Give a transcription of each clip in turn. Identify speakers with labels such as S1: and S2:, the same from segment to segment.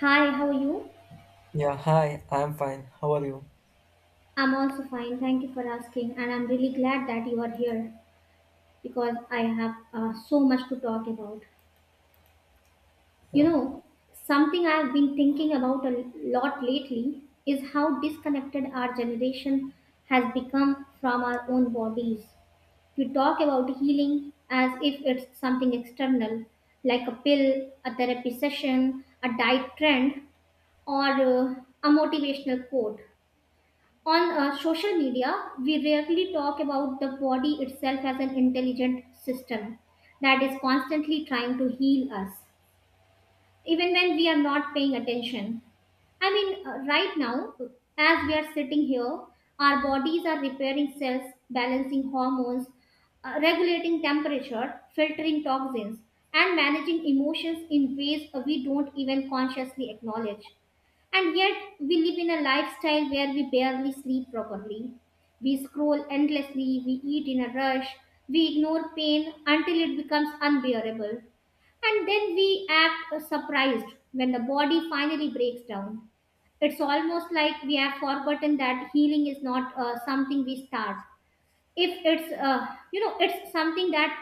S1: Hi, how are you?
S2: Yeah, hi, I'm fine. How are you?
S1: I'm also fine. Thank you for asking. And I'm really glad that you are here because I have so much to talk about. You
S2: Yeah,
S1: know, something I've been thinking about a lot lately is how disconnected our generation has become from our own bodies. We talk about healing as if it's something external, like a pill, a therapy session, a diet trend, or a motivational quote. On social media, we rarely talk about the body itself as an intelligent system that is constantly trying to heal us, even when we are not paying attention. I mean, right now, as we are sitting here, our bodies are repairing cells, balancing hormones, regulating temperature, filtering toxins, and managing emotions in ways we don't even consciously acknowledge. And yet, we live in a lifestyle where we barely sleep properly. We scroll endlessly, we eat in a rush, we ignore pain until it becomes unbearable. And then we act surprised when the body finally breaks down. It's almost like we have forgotten that healing is not something we start. If it's it's something that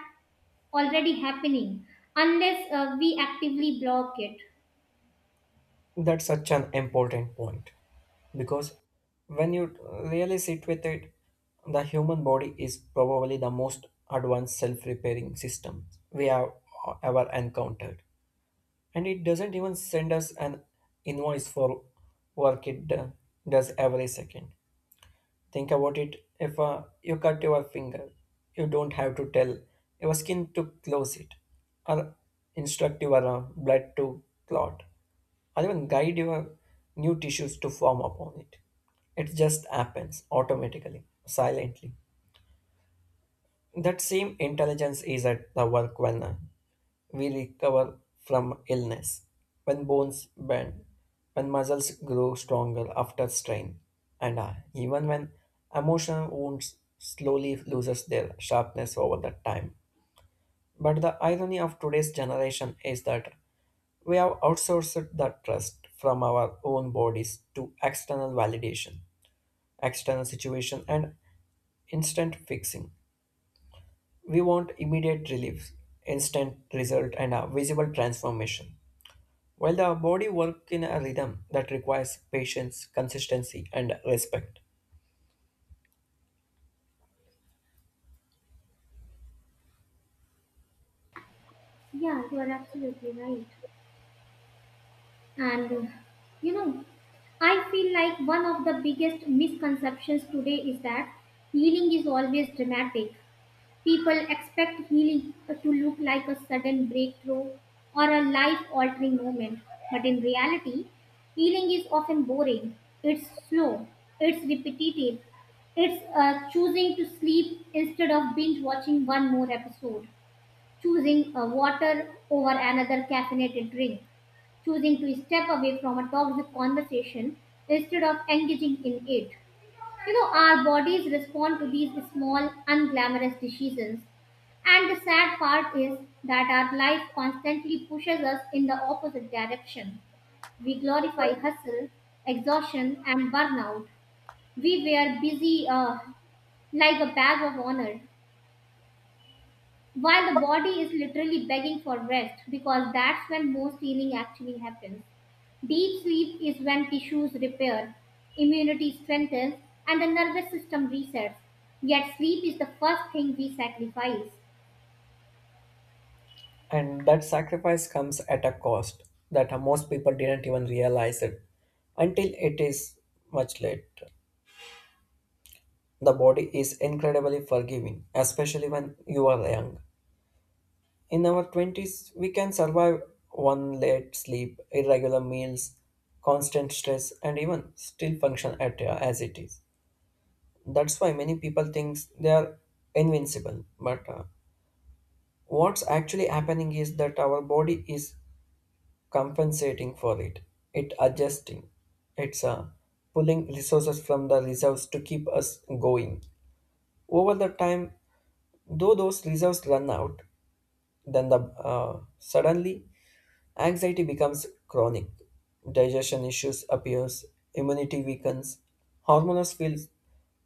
S1: already happening unless we actively block it.
S2: that's such an important point because when you really sit with it, the human body is probably the most advanced self repairing system we have ever encountered. And it doesn't even send us an invoice for work it does every second. Think about it if you cut your finger, you don't have to tell your skin to close it, or instruct your blood to clot, or even guide your new tissues to form upon it. It just happens automatically, silently. That same intelligence is at the work when we recover from illness, when bones bend, when muscles grow stronger after strain, and even when emotional wounds slowly loses their sharpness over the time. But the irony of today's generation is that we have outsourced the trust from our own bodies to external validation, external situation, and instant fixing. We want immediate relief, instant result, and a visible transformation. While the body works in a rhythm that requires patience, consistency, and respect.
S1: Yeah, you are absolutely right. And you know, I feel like one of the biggest misconceptions today is that healing is always dramatic. People expect healing to look like a sudden breakthrough or a life altering moment. But in reality, healing is often boring, it's slow, it's repetitive, it's choosing to sleep instead of binge watching one more episode, choosing water over another caffeinated drink, choosing to step away from a toxic conversation instead of engaging in it. You know, our bodies respond to these small, unglamorous decisions. And the sad part is that our life constantly pushes us in the opposite direction. We glorify hustle, exhaustion, and burnout. We wear busy like a badge of honor, while the body is literally begging for rest because that's when most healing actually happens. Deep sleep is when tissues repair, immunity strengthens, and the nervous system resets. Yet, sleep is the first thing we sacrifice.
S2: And that sacrifice comes at a cost that most people didn't even realize it until it is much late. The body is incredibly forgiving, especially when you are young. In our 20s, we can survive one late sleep, irregular meals, constant stress, and even still function at as it is. That's why many people think they are invincible. But what's actually happening is that our body is compensating for it. It adjusting. It's pulling resources from the reserves to keep us going. Over the time, though those reserves run out, then the suddenly anxiety becomes chronic. Digestion issues appears, immunity weakens, hormones feel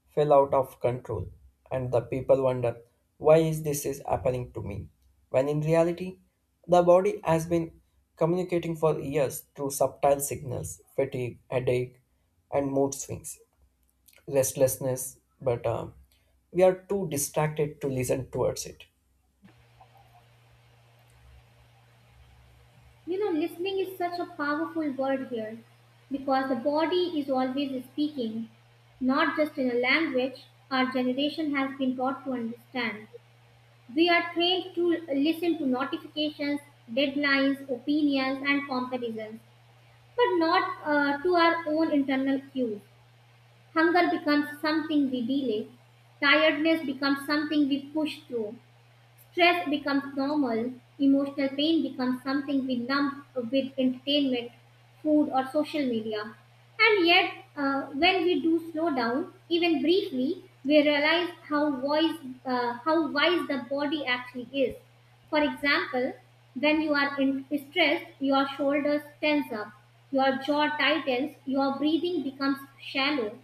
S2: fell out of control, and the people wonder why is this is happening to me? When in reality, the body has been communicating for years through subtle signals, fatigue, headache, and mood swings, restlessness, but we are too distracted to listen towards it.
S1: You know, listening is such a powerful word here because the body is always speaking, not just in a language our generation has been taught to understand. We are trained to listen to notifications, deadlines, opinions, and comparisons, but not to our own internal cues. Hunger becomes something we delay, tiredness becomes something we push through. Stress becomes normal, emotional pain becomes something we numb with entertainment, food, or social media. And yet, when we do slow down, even briefly, we realize how wise the body actually is. For example, when you are in stressed, your shoulders tense up, your jaw tightens, your breathing becomes shallow.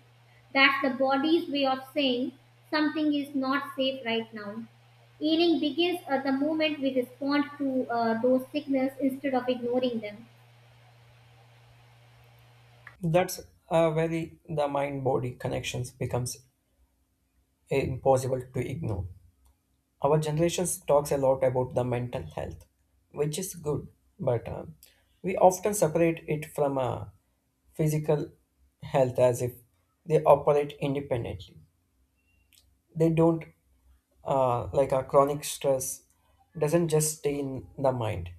S1: That's the body's way of saying something is not safe right now. Healing begins at the moment we respond to those signals instead of ignoring them.
S2: That's where the mind body connections becomes impossible to ignore. Our generation talks a lot about the mental health, which is good, but we often separate it from physical health as if they operate independently. They don't, like a chronic stress, doesn't just stay in the mind,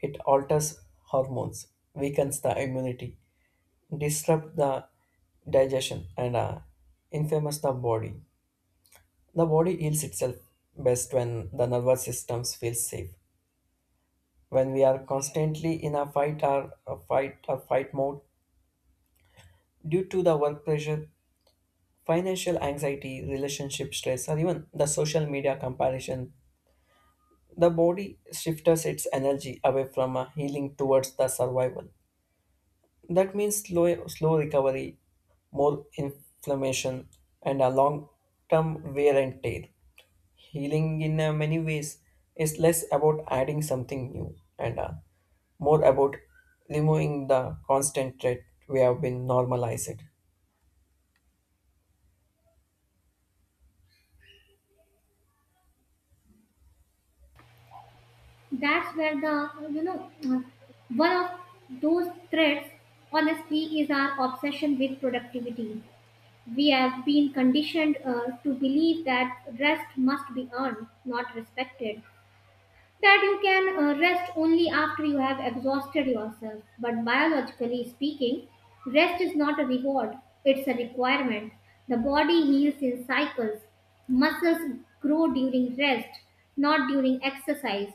S2: it alters hormones, weakens the immunity, disrupt the digestion and infamous the body. The body heals itself best when the nervous systems feel safe. When we are constantly in a fight or fight mode due to the work pressure, financial anxiety, relationship stress, or even the social media comparison, the body shifts its energy away from a healing towards the survival. That means slow recovery, more inflammation, and a long term wear and tear. Healing in many ways is less about adding something new and more about removing the constant threat we have been normalized.
S1: That's where the, you know, one of those threats, honestly, is our obsession with productivity. We have been conditioned to believe that rest must be earned, not respected, that you can rest only after you have exhausted yourself. But biologically speaking, rest is not a reward, it's a requirement. The body heals in cycles. Muscles grow during rest, not during exercise.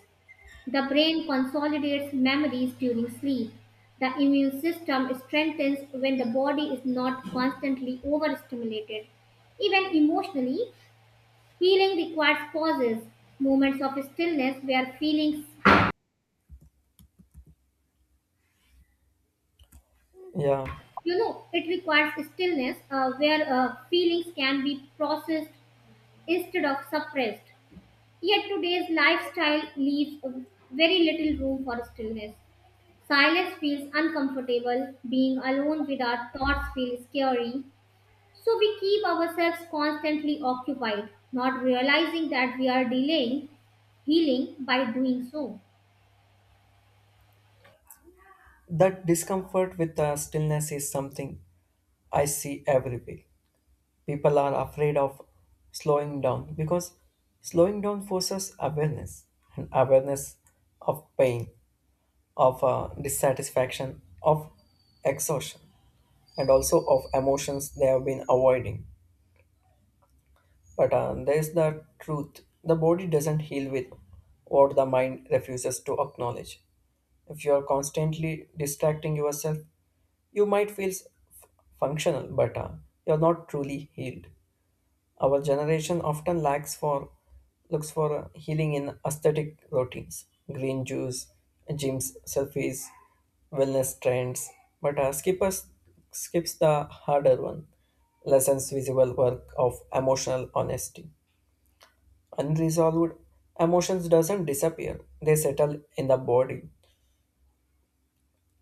S1: The brain consolidates memories during sleep. The immune system strengthens when the body is not constantly overstimulated. Even emotionally, healing requires pauses, moments of stillness where feelings.
S2: Yeah,
S1: You know, it requires stillness where feelings can be processed instead of suppressed. Yet today's lifestyle leaves very little room for stillness. Silence feels uncomfortable, being alone with our thoughts feels scary. So we keep ourselves constantly occupied, not realizing that we are delaying healing by doing so.
S2: that discomfort with stillness is something I see everywhere. People are afraid of slowing down because slowing down forces awareness and awareness of pain, of dissatisfaction, of exhaustion, and also of emotions they have been avoiding. But there's the truth the body doesn't heal with what the mind refuses to acknowledge. If you are constantly distracting yourself, you might feel f- functional, but you're not truly healed. Our generation often lacks for looks for healing in aesthetic routines, green juice, gyms, selfies, wellness trends, but skippers skips the harder one. Lessons visible work of emotional honesty. Unresolved emotions doesn't disappear; they settle in the body.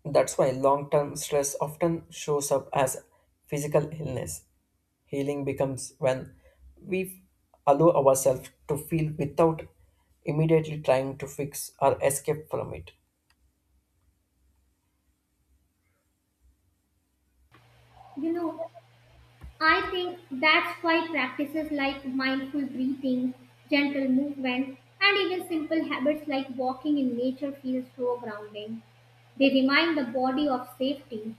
S2: That's why long term stress often shows up as physical illness. Healing becomes when we allow ourselves to feel without immediately trying to fix or escape from it.
S1: You know, I think that's why practices like mindful breathing, gentle movement, and even simple habits like walking in nature feel so grounding. They remind the body of safety.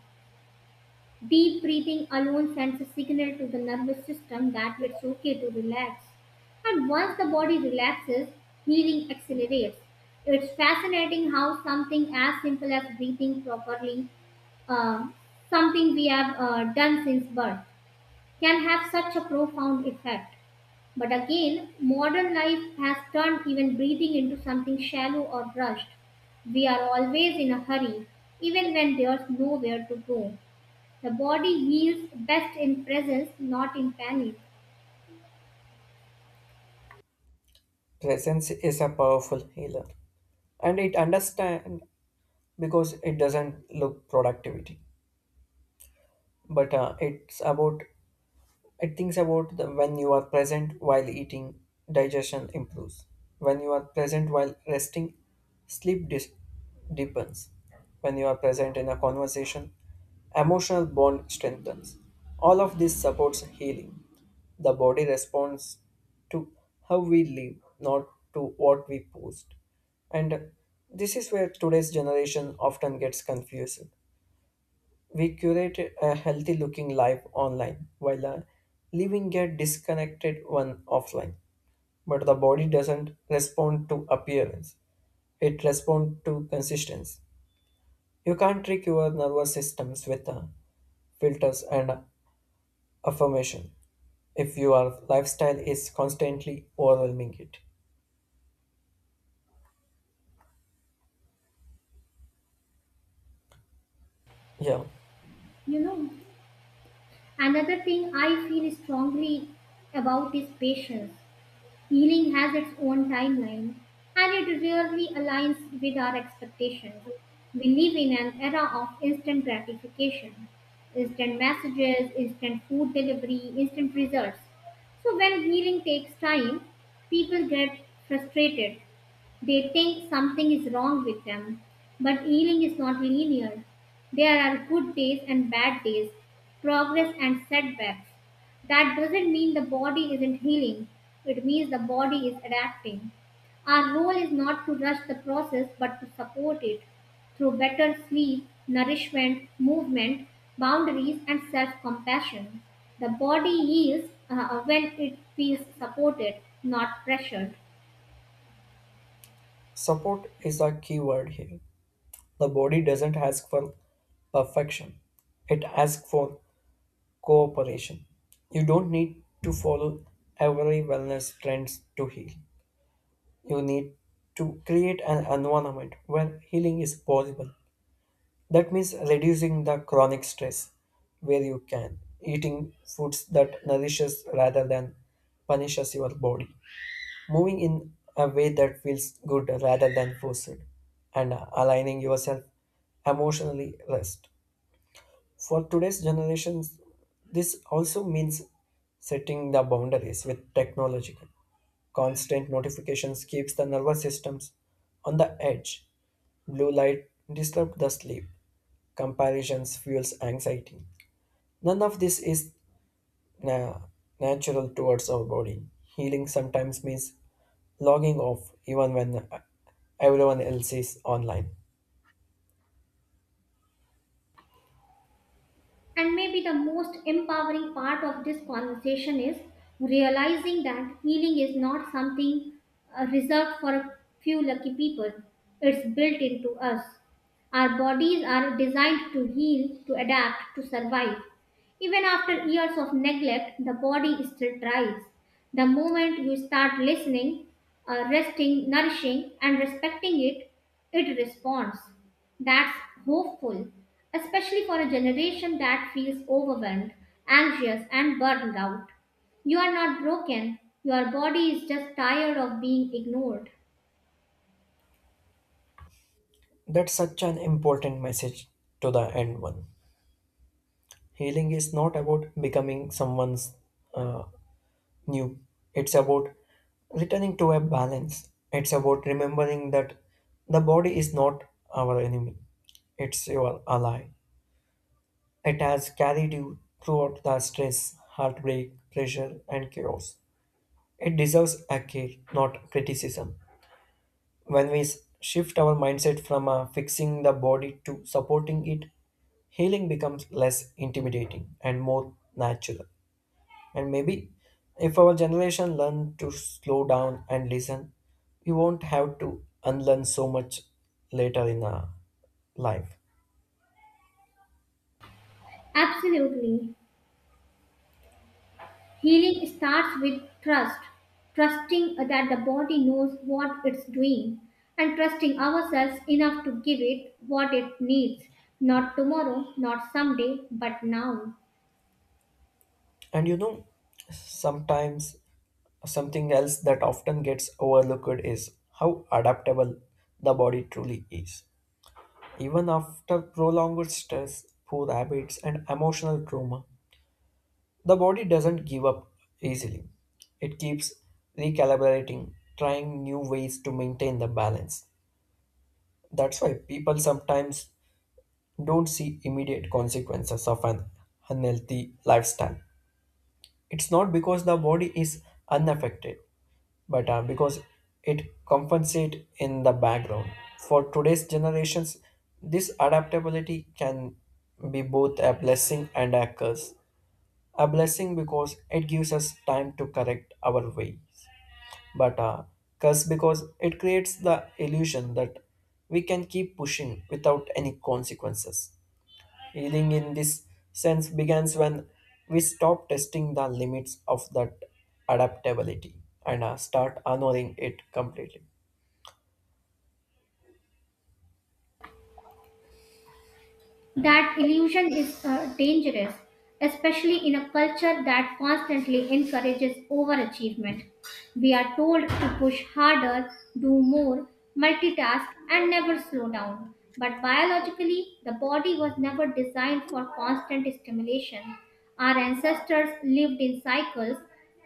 S1: Deep breathing alone sends a signal to the nervous system that it's okay to relax. And once the body relaxes, healing accelerates. It's fascinating how something as simple as breathing properly, uh, something we have done since birth, can have such a profound effect. But again, modern life has turned even breathing into something shallow or rushed. We are always in a hurry, even when there's nowhere to go. The body heals best in presence, not in panic.
S2: Presence is a powerful healer, and it understands because it doesn't look productivity, but it's about It thinks about the when you are present while eating, digestion improves. When you are present while resting, sleep deepens. When you are present in a conversation, emotional bond strengthens. All of this supports healing. The body responds to how we live, not to what we post. And this is where today's generation often gets confused. We curate a healthy looking life online while living a disconnected one offline. But the body doesn't respond to appearance, it responds to consistency. You can't trick your nervous systems with filters and affirmation if your lifestyle is constantly overwhelming it. Yeah,
S1: You know, another thing I feel strongly about is patience. Healing has its own timeline and it rarely aligns with our expectations. We live in an era of instant gratification, instant messages, instant food delivery, instant results. So when healing takes time, people get frustrated, they think something is wrong with them, but healing is not linear. There are good days and bad days, progress and setbacks. That doesn't mean the body isn't healing, it means the body is adapting. Our role is not to rush the process but to support it through better sleep, nourishment, movement, boundaries, and self compassion. The body heals when it feels supported, not pressured.
S2: support is a key word here. The body doesn't ask for perfection, it asks for cooperation. You don't need to follow every wellness trends to heal. You need to create an environment where healing is possible. That means reducing the chronic stress where you can, eating foods that nourishes rather than punishes your body, moving in a way that feels good rather than forced, and aligning yourself emotionally rest. For today's generations, this also means setting the boundaries with technological. Constant notifications keeps the nervous systems on the edge. Blue light disrupts the sleep. Comparisons fuels anxiety. None of this is na- natural towards our body. Healing sometimes means logging off even when everyone else is online.
S1: And maybe the most empowering part of this conversation is realizing that healing is not something reserved for a few lucky people. It's built into us. Our bodies are designed to heal, to adapt, to survive. Even after years of neglect, the body still tries. The moment you start listening, resting, nourishing, and respecting it, it responds. That's hopeful, especially for a generation that feels overwhelmed, anxious, and burned out. You are not broken, your body is just tired of being ignored.
S2: That's such an important message to the end one. Healing is not about becoming someone's uh, new. It's about returning to a balance. It's about remembering that the body is not our enemy. It's your ally. It has carried you throughout the stress, heartbreak, pressure, and chaos. It deserves a care, not criticism. When we shift our mindset from fixing the body to supporting it, healing becomes less intimidating and more natural. And maybe if our generation learn to slow down and listen, we won't have to unlearn so much later in our life.
S1: Absolutely. Healing starts with trust, trusting that the body knows what it's doing, and trusting ourselves enough to give it what it needs, not tomorrow, not someday, but now.
S2: And sometimes something else that often gets overlooked is how adaptable the body truly is. Even after prolonged stress, poor habits, and emotional trauma, the body doesn't give up easily. It keeps recalibrating, trying new ways to maintain the balance. That's why people sometimes don't see immediate consequences of an unhealthy lifestyle. It's not because the body is unaffected, but because it compensates in the background. For today's generations, this adaptability can be both a blessing and a curse. A blessing because it gives us time to correct our way, but curse because it creates the illusion that we can keep pushing without any consequences. Healing in this sense begins when we stop testing the limits of that adaptability and start honoring it completely.
S1: That illusion is dangerous, especially in a culture that constantly encourages overachievement. We are told to push harder, do more, multitask, and never slow down. But biologically, the body was never designed for constant stimulation. Our ancestors lived in cycles,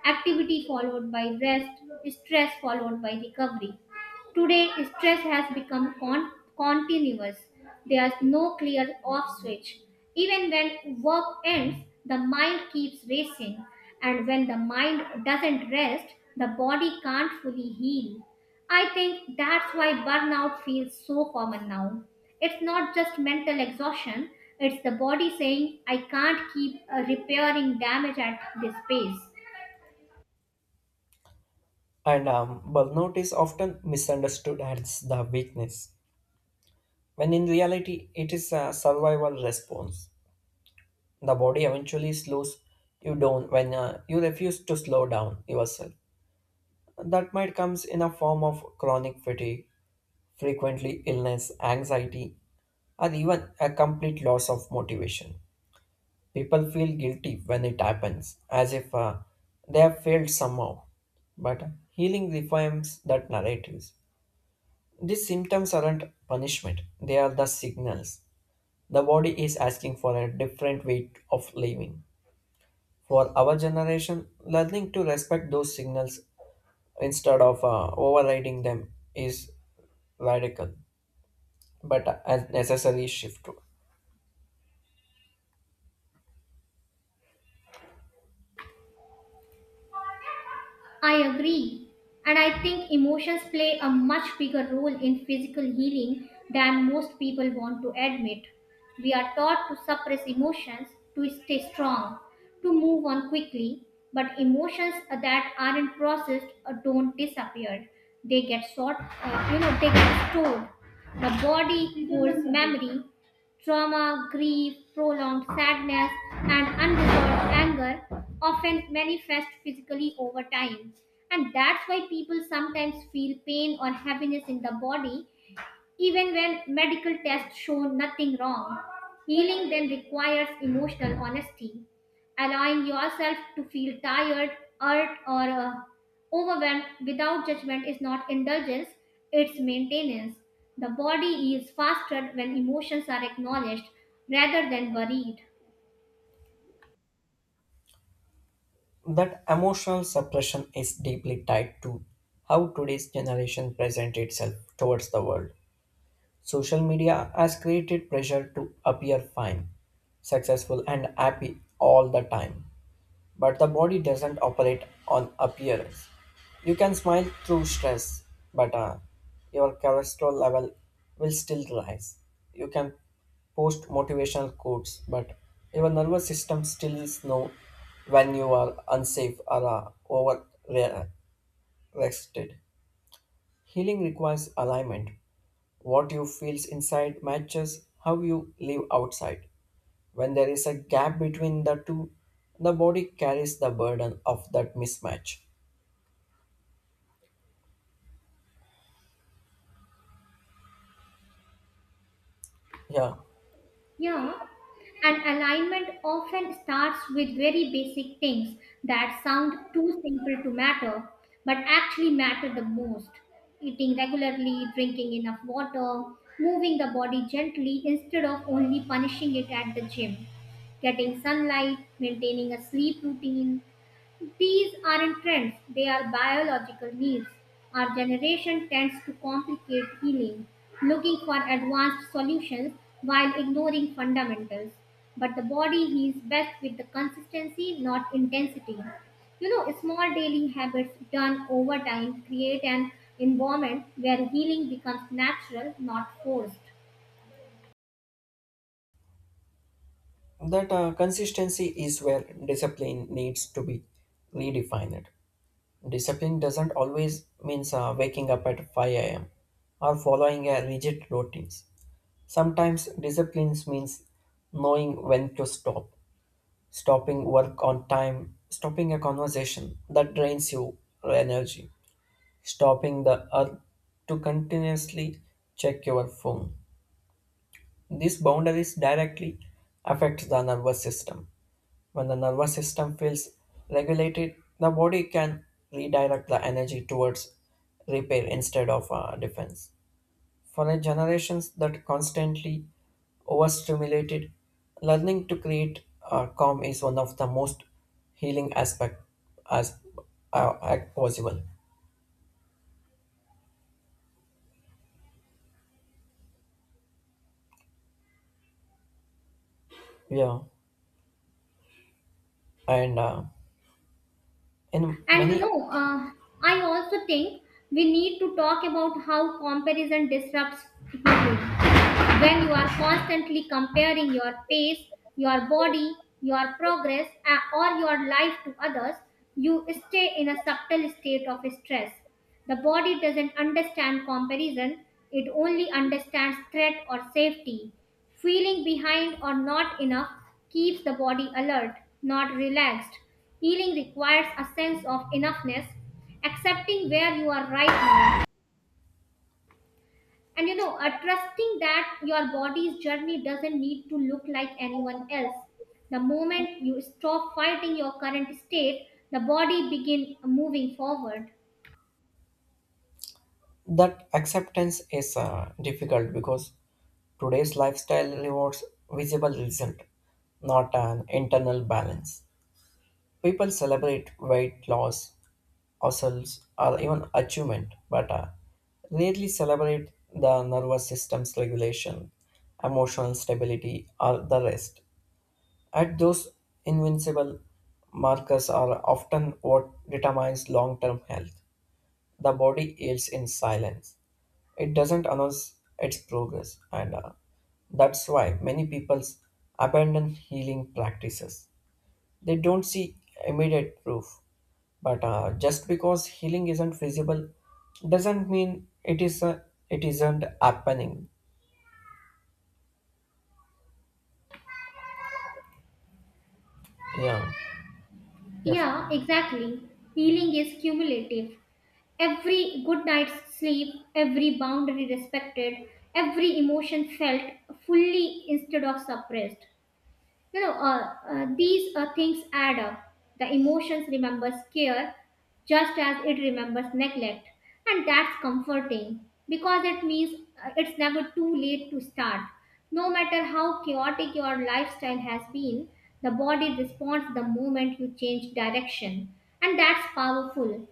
S1: activity followed by rest, stress followed by recovery. Today, stress has become continuous. There's no clear off switch. Even when work ends, the mind keeps racing, and when the mind doesn't rest, the body can't fully heal. I think that's why burnout feels so common now. It's not just mental exhaustion, it's the body saying, I can't keep repairing damage at this pace.
S2: And burnout is often misunderstood as the weakness, when in reality it is a survival response. The body eventually slows you down when you refuse to slow down yourself that might comes in a form of chronic fatigue, frequently illness, anxiety, or even a complete loss of motivation. People feel guilty when it happens, as if they have failed somehow. But healing reframes that narratives. These symptoms aren't punishment; they are the signals. The body is asking for a different way of living. For our generation, learning to respect those signals instead of overriding them is radical, but a necessary shift.
S1: I agree. And I think emotions play a much bigger role in physical healing than most people want to admit. We are taught to suppress emotions, to stay strong, to move on quickly, but emotions that aren't processed don't disappear. They get they get stored. The body holds memory: trauma, grief, prolonged sadness, and unresolved anger often manifest physically over time. And that's why people sometimes feel pain or heaviness in the body even when medical tests show nothing wrong. Healing then requires emotional honesty. Allowing yourself to feel tired, hurt, or overwhelmed without judgment is not indulgence, it's maintenance. The body is faster when emotions are acknowledged rather than buried.
S2: That emotional suppression is deeply tied to how today's generation presents itself towards the world. Social media has created pressure to appear fine, successful, and happy all the time. But the body doesn't operate on appearance. You can smile through stress, but your cholesterol level will still rise. You can post motivational quotes, but your nervous system still is know when you are unsafe or overrested. Healing requires alignment. What you feel inside matches how you live outside. When there is a gap between the two, the body carries the burden of that mismatch. Yeah,
S1: Yeah, and alignment often starts with very basic things that sound too simple to matter, but actually matter the most. Eating regularly, drinking enough water, moving the body gently instead of only punishing it at the gym, getting sunlight, maintaining a sleep routine, these aren't trends, they are biological needs. Our generation tends to complicate healing, looking for advanced solutions while ignoring fundamentals. But the body heals best with the consistency, not intensity. You know, small daily habits done over time create an environment where healing becomes natural, not forced.
S2: that consistency is where discipline needs to be redefined. Discipline doesn't always means waking up at 5 a.m. or following a rigid routines. Sometimes disciplines means knowing when to stop, stopping work on time, stopping a conversation that drains you energy stopping the earth to continuously check your phone. These boundaries directly affect the nervous system. When the nervous system feels regulated, the body can redirect the energy towards repair instead of defense. For a generations that constantly overstimulated, learning to create calm is one of the most healing aspect as act possible. Yeah, and in
S1: And
S2: many
S1: I also think we need to talk about how comparison disrupts healing. When you are constantly comparing your pace, your body, your progress, or your life to others, you stay in a subtle state of stress. The body doesn't understand comparison, it only understands threat or safety. Feeling behind or not enough keeps the body alert, not relaxed. Healing requires a sense of enoughness, accepting where you are right now and trusting that your body's journey doesn't need to look like anyone else. The moment you stop fighting your current state, the body begin moving forward.
S2: that acceptance is difficult because today's lifestyle rewards visible result, not an internal balance. People celebrate weight loss, hustles, or even achievement, but rarely celebrate the nervous system's regulation, emotional stability, or the rest at those invincible markers are often what determines long-term health. The body heals in silence. It doesn't announce its progress, and that's why many people abandon healing practices. They don't see immediate proof, but just because healing isn't visible doesn't mean it isn't happening. Yeah, def-
S1: Yeah, exactly. Healing is cumulative. Every good night's sleep, every boundary respected, every emotion felt fully instead of suppressed. You know, uh, these things add up. The emotions remembers care just as it remembers neglect. And that's comforting because it means it's never too late to start. No matter how chaotic your lifestyle has been, the body responds the moment you change direction. And that's powerful,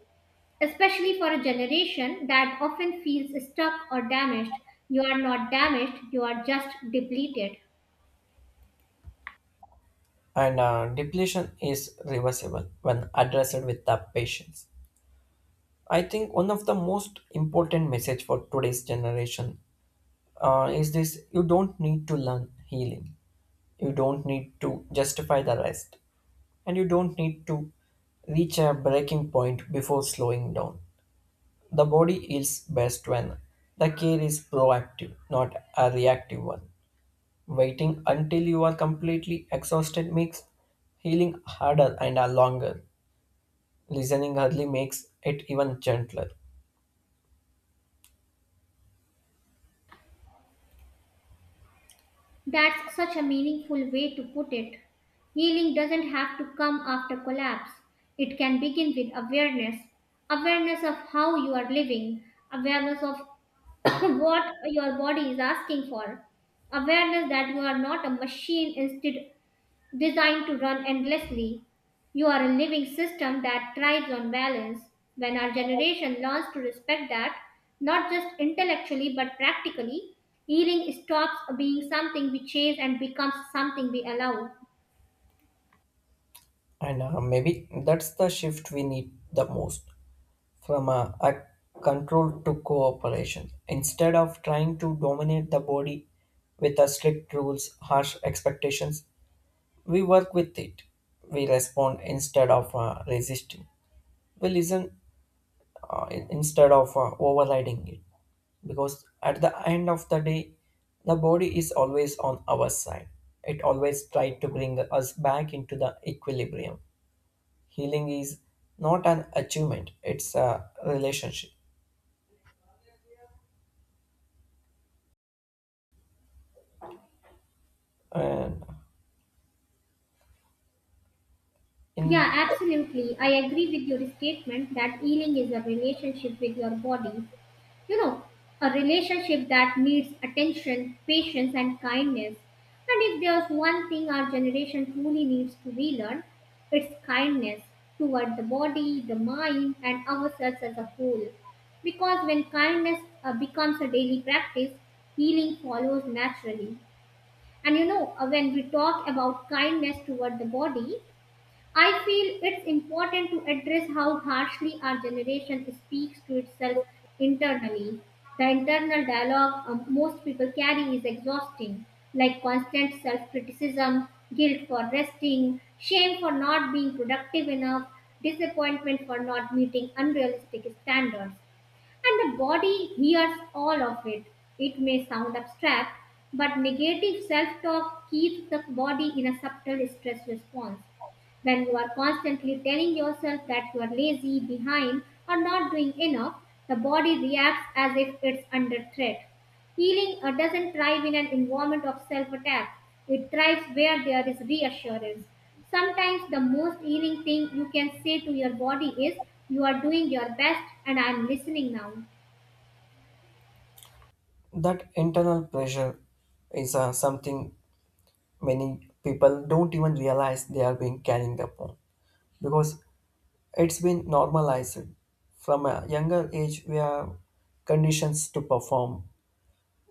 S1: especially for a generation that often feels stuck or damaged. You are not damaged, you are just depleted.
S2: and depletion is reversible when addressed with the patience. I think one of the most important message for today's generation is this: you don't need to learn healing. You don't need to justify the rest, and you don't need to reach a breaking point before slowing down. The body heals best when the care is proactive, not a reactive one. Waiting until you are completely exhausted makes healing harder and longer. Listening early makes it even gentler.
S1: That's such a meaningful way to put it. Healing doesn't have to come after collapse. It can begin with awareness, awareness of how you are living, awareness of what your body is asking for, awareness that you are not a machine instead designed to run endlessly. You are a living system that thrives on balance. When our generation learns to respect that, not just intellectually but practically, healing stops being something we chase and becomes something we allow.
S2: And maybe that's the shift we need the most. From a control to cooperation. Instead of trying to dominate the body with a strict rules, harsh expectations, we work with it. We respond instead of resisting. We listen instead of overriding it. Because at the end of the day, the body is always on our side. It always tries to bring us back into the equilibrium. Healing is not an achievement, it's a relationship. And
S1: Yeah,
S2: in
S1: absolutely. I agree with your statement that healing is a relationship with your body. You know, a relationship that needs attention, patience, and kindness. And if there's one thing our generation truly needs to relearn, it's kindness toward the body, the mind, and ourselves as a whole. Because when kindness becomes a daily practice, healing follows naturally. And when we talk about kindness toward the body, I feel it's important to address how harshly our generation speaks to itself internally. The internal dialogue most people carry is exhausting, like constant self criticism, guilt for resting, shame for not being productive enough, disappointment for not meeting unrealistic standards. And the body hears all of it. It may sound abstract, but negative self talk keeps the body in a subtle stress response. When you are constantly telling yourself that you are lazy, behind, or not doing enough, the body reacts as if it's under threat. Healing doesn't thrive in an environment of self attack, it thrives where there is reassurance. Sometimes the most healing thing you can say to your body is, you are doing your best, and I am listening now.
S2: That internal pressure is something many people don't even realize they are being carrying upon because it's been normalized. From a younger age we are conditions to perform,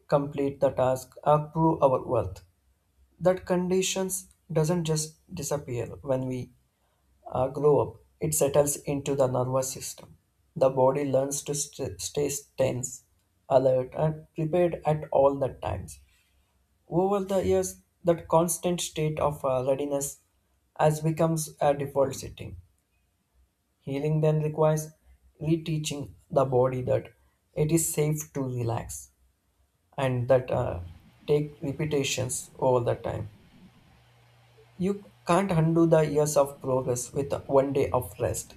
S2: complete the task, or prove our worth. That conditions doesn't just disappear when we grow up. It settles into the nervous system. The body learns to stay tense, alert, and prepared at all the times. Over the years, that constant state of readiness has becomes a default setting. Healing then requires reteaching the body that it is safe to relax and that take repetitions over the time. You can't undo the years of progress with one day of rest.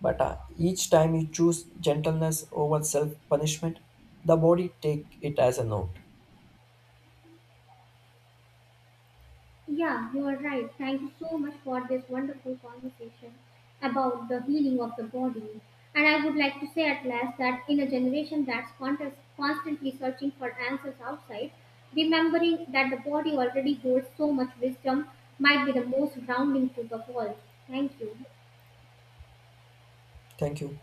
S2: But each time you choose gentleness over self punishment, the body take it as a note.
S1: Yeah, you are right. Thank you so much for this wonderful conversation about the healing of the body. And I would like to say at last that in a generation that's constantly searching for answers outside, remembering that the body already holds so much wisdom might be the most grounding to the world. Thank you.
S2: Thank you.